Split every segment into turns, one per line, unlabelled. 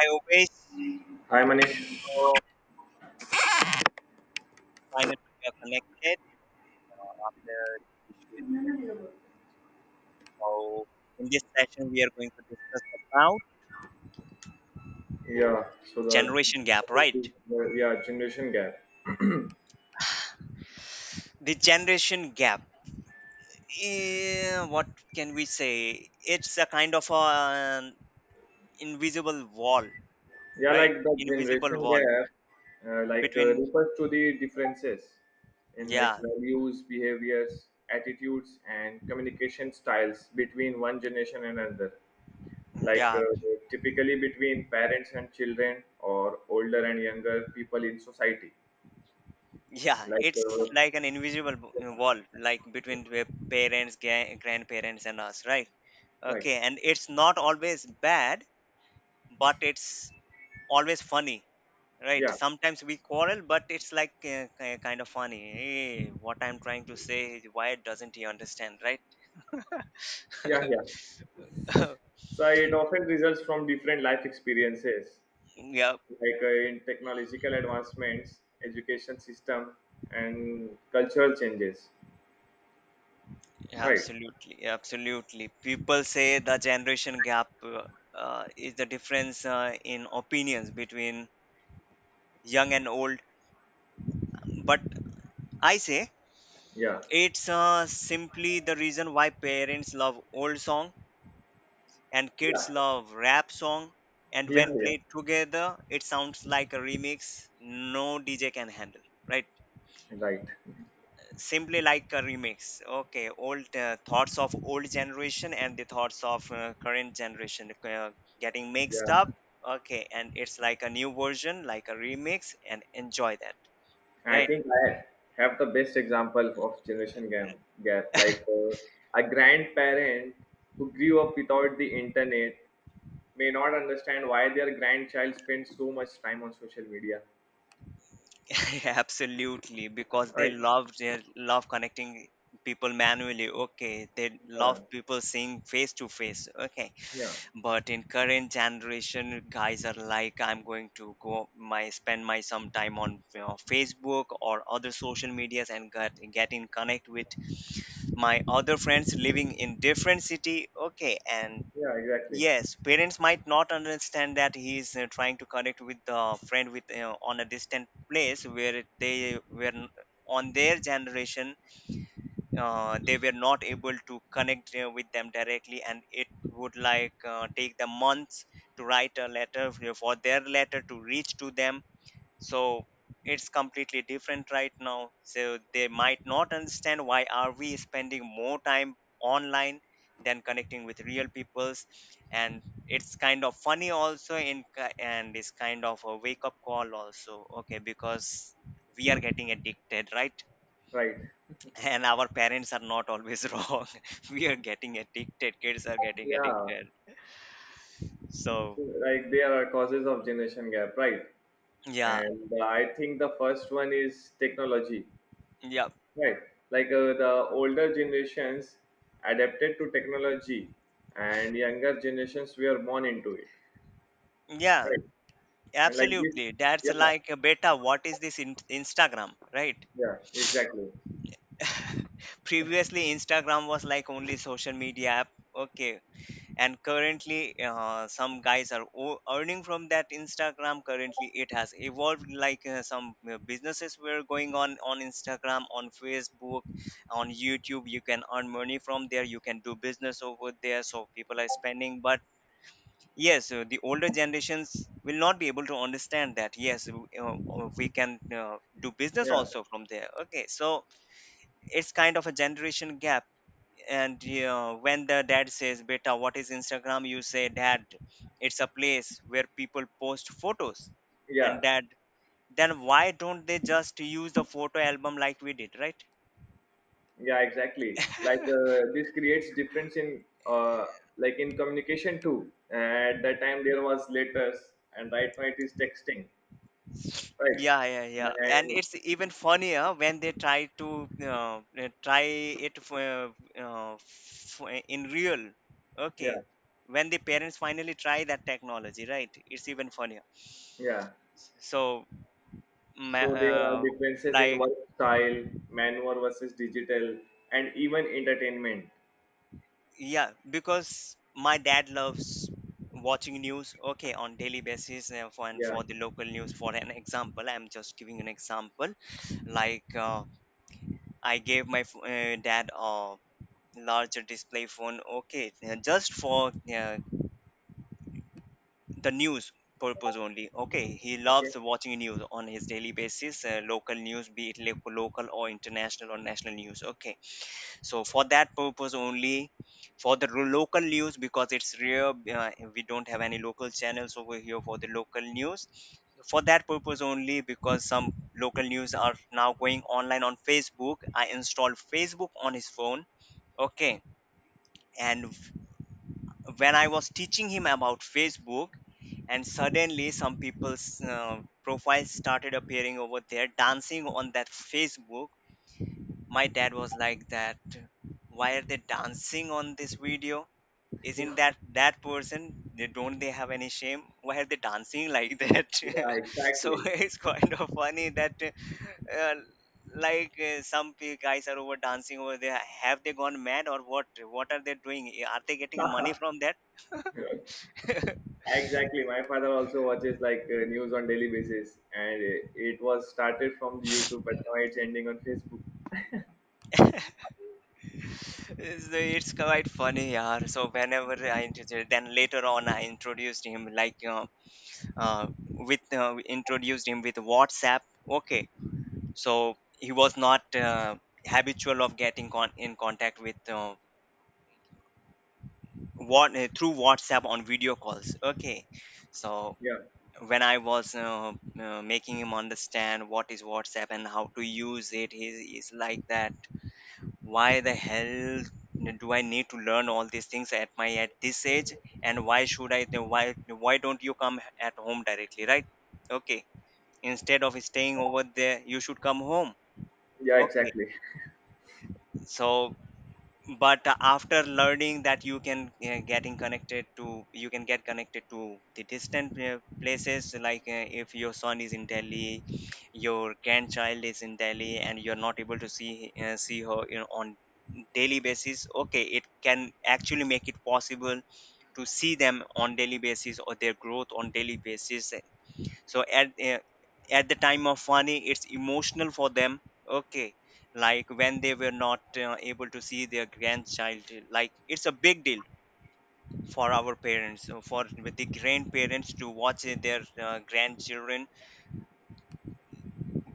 I always
Hi Manish.
uh, find it we are connected after the issue. So in this session, we are going to discuss about
Yeah, so the
generation gap,
topic is,
right?
yeah, generation gap.
The generation gap. What can we say? It's a kind of an invisible wall,
Yeah,
right?
like the
Invisible
generation
wall
gap,
between
refers to the differences in, like,
yeah
values, behaviors, attitudes, and communication styles between one generation and another. Like
yeah
uh, Typically between parents and children, or older and younger people in society.
yeah.
Like,
It's
uh,
like an invisible wall, like between the parents grandparents and us, right?
like
Okay, and it's not always bad, but it's always funny, right?
yeah,
Sometimes we quarrel, but it's like kind of funny. Hey, what I'm trying to say is why doesn't he understand, right?
yeah, yeah. So it often results from different life experiences,
Yeah,
in technological advancements, education system, and cultural changes. Right?
absolutely, absolutely. People say the generation gap is the difference in opinions between young and old, but I say
Yeah.
it's simply the reason why parents love old song and kids
Yeah.
love rap song, and
Yeah.
when
Yeah.
played together it sounds like a remix no DJ can handle, right?
Right.
Simply like a remix. Okay, old thoughts of old generation and the thoughts of current generation getting mixed
Yeah.
up. Okay, and it's like a new version, like a remix and enjoy that,
I
right?
think I have the best example of generation gap. Gap like uh, a grandparent who grew up without the internet may not understand why their grandchild spends so much time on social media.
Absolutely, because they
Right.
love they love connecting people manually. Okay, they love
Yeah.
people seeing face to face. Okay,
Yeah.
but in current generation guys are like, I'm going to go my spend my some time on Facebook or other social medias and get in connect with my other friends living in different city, okay. And
Yeah. Exactly.
yes, parents might not understand that he is trying to connect with the friend with on a distant place where they were on their generation, they were not able to connect with them directly, and it would like take them months to write a letter for their letter to reach to them. So it's completely different right now, so they might not understand why are we spending more time online than connecting with real peoples. And it's kind of funny also in and it's kind of a wake up call also, okay, because we are getting addicted, right?
Right.
And our parents are not always wrong. We are getting addicted, kids are getting
Yeah.
addicted. So
Like, there are causes of generation gap, right?
yeah,
And I think the first one is technology,
yeah,
right? The older generations adapted to technology, and younger generations were born into it,
yeah,
right? And like this,
absolutely. That's
yeah,
like a beta, what is this Instagram, right?
yeah, exactly,
Previously Instagram was like only social media app. Okay, and currently some guys are earning from that Instagram. Currently it has evolved, like some businesses were going on Instagram, on Facebook, on YouTube. You can earn money from there, you can do business over there, so people are spending. But yes, the older generations will not be able to understand that, yes, we can do business
yeah,
also from there, okay. So it's kind of a generation gap. And you know, when the dad says beta what is Instagram, you say, Dad, it's a place where people post photos.
yeah,
And Dad, then why don't they just use the photo album like we did, right?
yeah, exactly. This creates difference in, like, in communication too. At that time, there was letters, and right now it is texting,
Yeah, yeah, yeah, and
right?
it's even funnier when they try to try it for, in real, okay,
Yeah,
when the parents finally try that technology, right, it's even funnier.
yeah.
So ma-
So there are
uh,
differences in
like,
work style, manual versus digital, and even entertainment.
yeah, because my dad loves watching news, okay, on daily basis for and
Yeah.
for the local news. For an example, I'm just giving an example. Like, I gave my dad a larger display phone, okay, just for the news purpose only. Okay, he loves
Okay.
watching news on his daily basis, local news, be it local or international or national news, okay. So for that purpose only, for the local news, because it's rare, we don't have any local channels over here for the local news. For that purpose only, because some local news are now going online on Facebook, I installed Facebook on his phone, okay. And when I was teaching him about Facebook, and suddenly some people's profiles started appearing over there dancing on that Facebook, my dad was like that, why are they dancing on this video? Isn't
Yeah.
that that person? They don't, they have any shame? Why are they dancing like that?
Yeah.
So
Exactly.
it's kind of funny that uh, like, some guys are over dancing over there, have they gone mad or what? What are they doing? Are they getting money from that?
Exactly. My father also watches, news on daily basis, and it was started from the YouTube, but now it's ending on Facebook.
So it's quite funny, yeah. So whenever I introduced, then later on I introduced him, like, you with we introduced him with WhatsApp. Okay, so he was not habitual of getting in contact with what through WhatsApp on video calls. Okay, so
Yeah.
when I was making him understand what is WhatsApp and how to use it, he is like that, why the hell do I need to learn all these things at my at this age, and why should I, why don't you come at home directly, right? Okay, instead of staying over there you should come home,
Yeah.
okay.
Exactly.
So but after learning that you can getting connected to, you can get connected to the distant places, like if your son is in Delhi, your grandchild is in Delhi and you're not able to see see her, on daily basis, okay, it can actually make it possible to see them on daily basis or their growth on daily basis. So at the time of funny, it's emotional for them, okay, like when they were not able to see their grandchild, like it's a big deal for our parents, for the grandparents to watch their grandchildren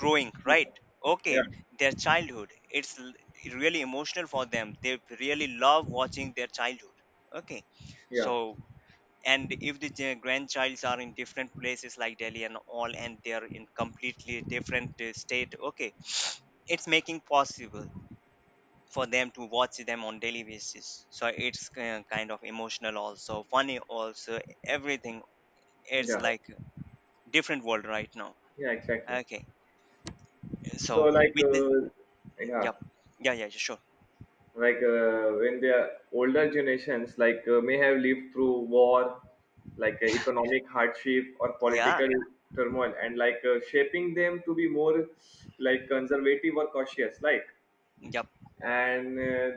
growing,
Yeah.
right? Okay,
Yeah.
their childhood, it's really emotional for them, they really love watching their childhood, okay.
Yeah.
So, and if the grandchilds are in different places, like Delhi and all, and they're in completely different state, okay. It's making possible for them to watch them on daily basis, so it's kind of emotional also, funny also, everything. It's
Yeah.
like different world right now,
Yeah. Exactly.
okay.
So,
So with the
yeah.
yep, yeah, yeah, sure,
When the older generations, may have lived through war, economic hardship or
yeah,
political turmoil, and shaping them to be more, like, conservative or cautious, like.
yep,
And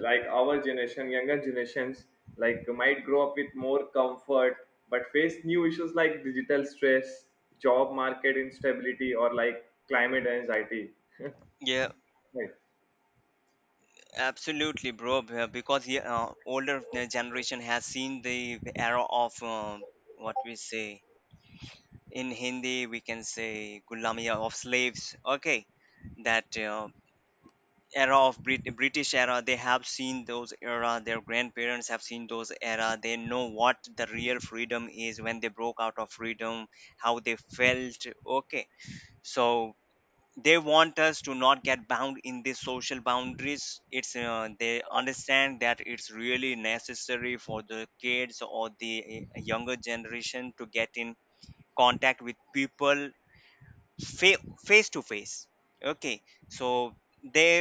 like, our generation, younger generations, like, might grow up with more comfort but face new issues like digital stress, job market instability, or like climate anxiety.
yeah,
Right.
absolutely, bro, because yeah, older generation has seen the era of what we say in Hindi, we can say Gulamiya of slaves. Okay, that era of British era, they have seen those era. Their grandparents have seen those era. They know what the real freedom is, when they broke out of freedom, how they felt, okay. So they want us to not get bound in these social boundaries. It's they understand that it's really necessary for the kids or the younger generation to get in contact with people face to face, okay. So they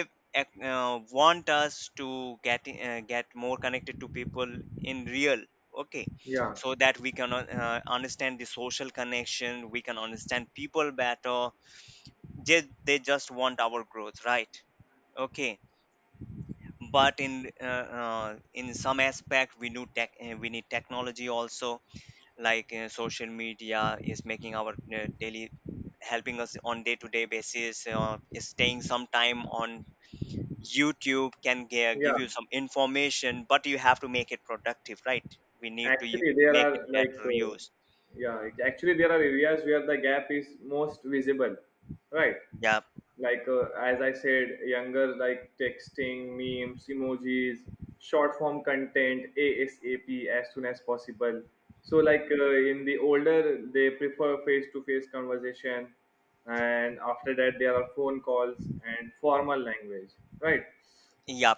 want us to get get more connected to people in real, okay,
Yeah.
so that we can understand the social connection, we can understand people better. They just want our growth, right? Okay, but in some aspect we need tech, we need technology also. Like social media is making our daily, helping us on day to day basis, is staying some time on YouTube can
Yeah.
give you some information, but you have to make it productive, right? We need to
Actually, there
make
are
it
like,
better
uh,
use.
Actually, there are areas where the gap is most visible, right?
Yeah,
Like, as I said, younger, like texting, memes, emojis, short form content, ASAP, as soon as possible. So, like, in the older, they prefer face to face conversation, and after that, there are phone calls and formal language, right?
yeah.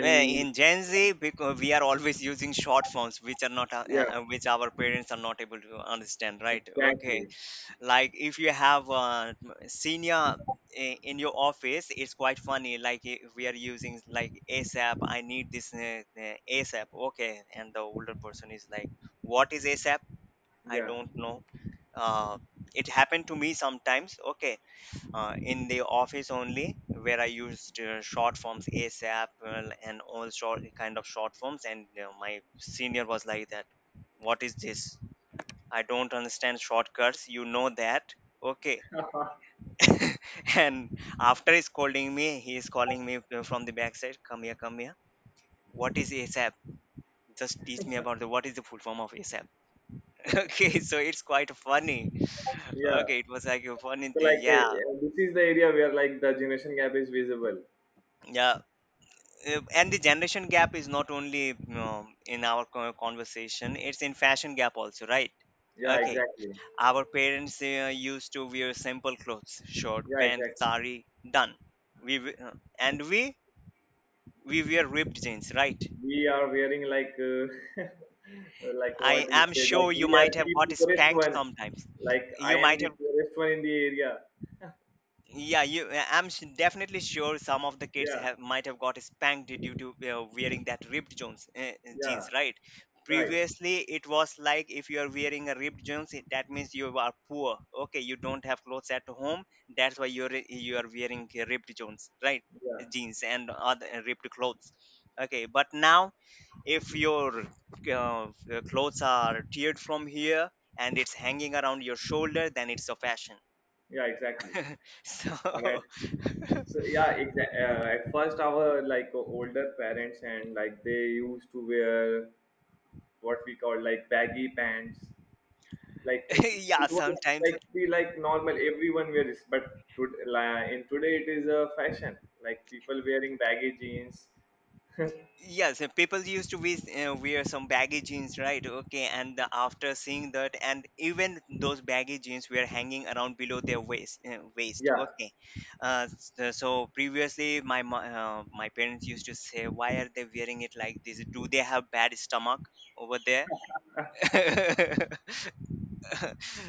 Eh, in gen z because we are always using short forms which are not
yeah,
which our parents are not able to understand, right? Okay,
exactly.
like if you have a senior in your office it's quite funny, like we are using like ASAP, I need this ASAP, okay. And the older person is like, what is ASAP? I
Yeah,
don't know. uh, it happened to me sometimes, okay, in the office only where I used short forms ASAP and all short kind of short forms, and my senior was like that, what is this? I don't understand shortcuts. You know that. Okay. And after he's calling me from the backside, come here, come here. What is ASAP? Just teach me about the what is the full form of ASAP. Okay, so it's quite funny.
yeah.
Okay, it was like a funny
So
thing. Yeah,
this is the area where, like, the generation gap is visible.
yeah. And the generation gap is not only in our conversation, it's in fashion gap also, right?
Yeah,
Okay,
exactly.
our parents used to wear simple clothes, short
Yeah,
pants,
exactly.
sari, done. We w- uh, and we wear ripped jeans, right?
We are wearing like, what
I
we
am
say, like,
sure you
we are
might have
the
got
poorest
spanked
one.
sometimes.
Like, I
You
am
might
the
have,
poorest one in the area.
yeah, you. I'm definitely sure some of the kids
Yeah,
have might have got spanked due to wearing that ripped jeans,
yeah,
jeans, right?
right.
Previously, it was like if you are wearing a ripped jeans, that means you are poor. Okay, you don't have clothes at home, that's why you are wearing ripped jeans, right?
Yeah,
Jeans and other ripped clothes. Okay, but now if your clothes are teared from here and it's hanging around your shoulder, then it's a fashion.
yeah, exactly.
So
And at, so yeah, at first our, like, older parents and, like, they used to wear what we call, like, baggy pants, like. it
yeah
it was
sometimes,
like, be like, normal, everyone wears. But to, like, in today it is a fashion, like people wearing baggy jeans.
yes, people used to be, wear some baggy jeans, right? Okay, and the, after seeing that, and even those baggy jeans were hanging around below their waist, waist,
Yeah.
okay. So, previously my my parents used to say why are they wearing it like this, do they have bad stomach over there?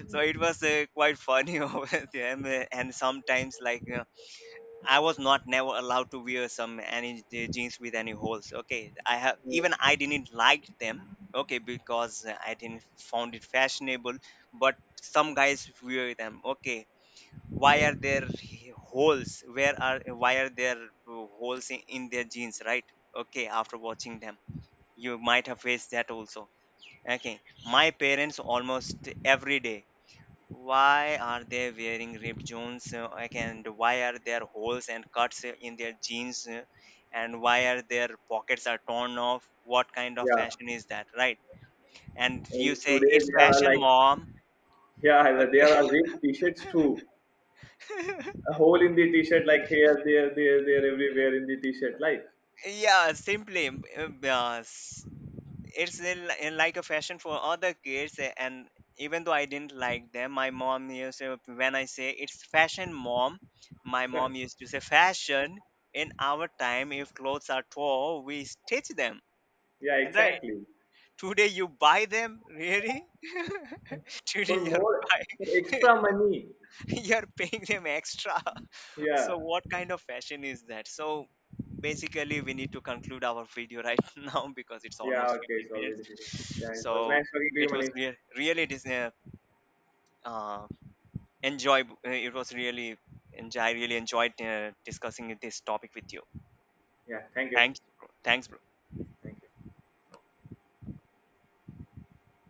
So it was quite funny over them. And sometimes like, I was not never allowed to wear some any jeans with any holes. Okay, I have even
Mm,
I didn't like them, okay, because I didn't found it fashionable. But some guys wear them. Okay, why
yeah,
are there holes? Where are, why are there holes in their jeans, right? Okay, after watching them, you might have faced that also. Okay, my parents almost every day, why are they wearing ripped jeans like, and why are there holes and cuts in their jeans, and why are their pockets are torn off? What kind of
yeah.
fashion is that, right? And you
And
say
today
it's
they are
fashion,
like,
mom.
yeah, there are ripped t-shirts too,
Okay.
a hole in the t-shirt, like here, there, everywhere in the t-shirt, like.
Yeah, simply, it's a like a fashion for other kids, eh, and even though I didn't like them, my mom used to, when I say it's fashion mom, my mom used to say fashion, in our time if clothes are tall we stitch them,
Yeah,
and right,
exactly.
today you buy them really. Today
For
you're
more, for
buying,
extra money.
you're paying them extra.
Yeah.
So what kind of fashion is that? So basically we need to conclude our video, right? Now, because it's
Yeah,
almost
okay, it's
15
already.
minutes,
Yeah, it was
so
nice talking to you,
it was
Manish.
really dis- uh, enjoy it was really enjoy I really enjoyed discussing this topic with you.
Yeah, thank you.
Thanks, bro. Thanks, bro.
Thank you.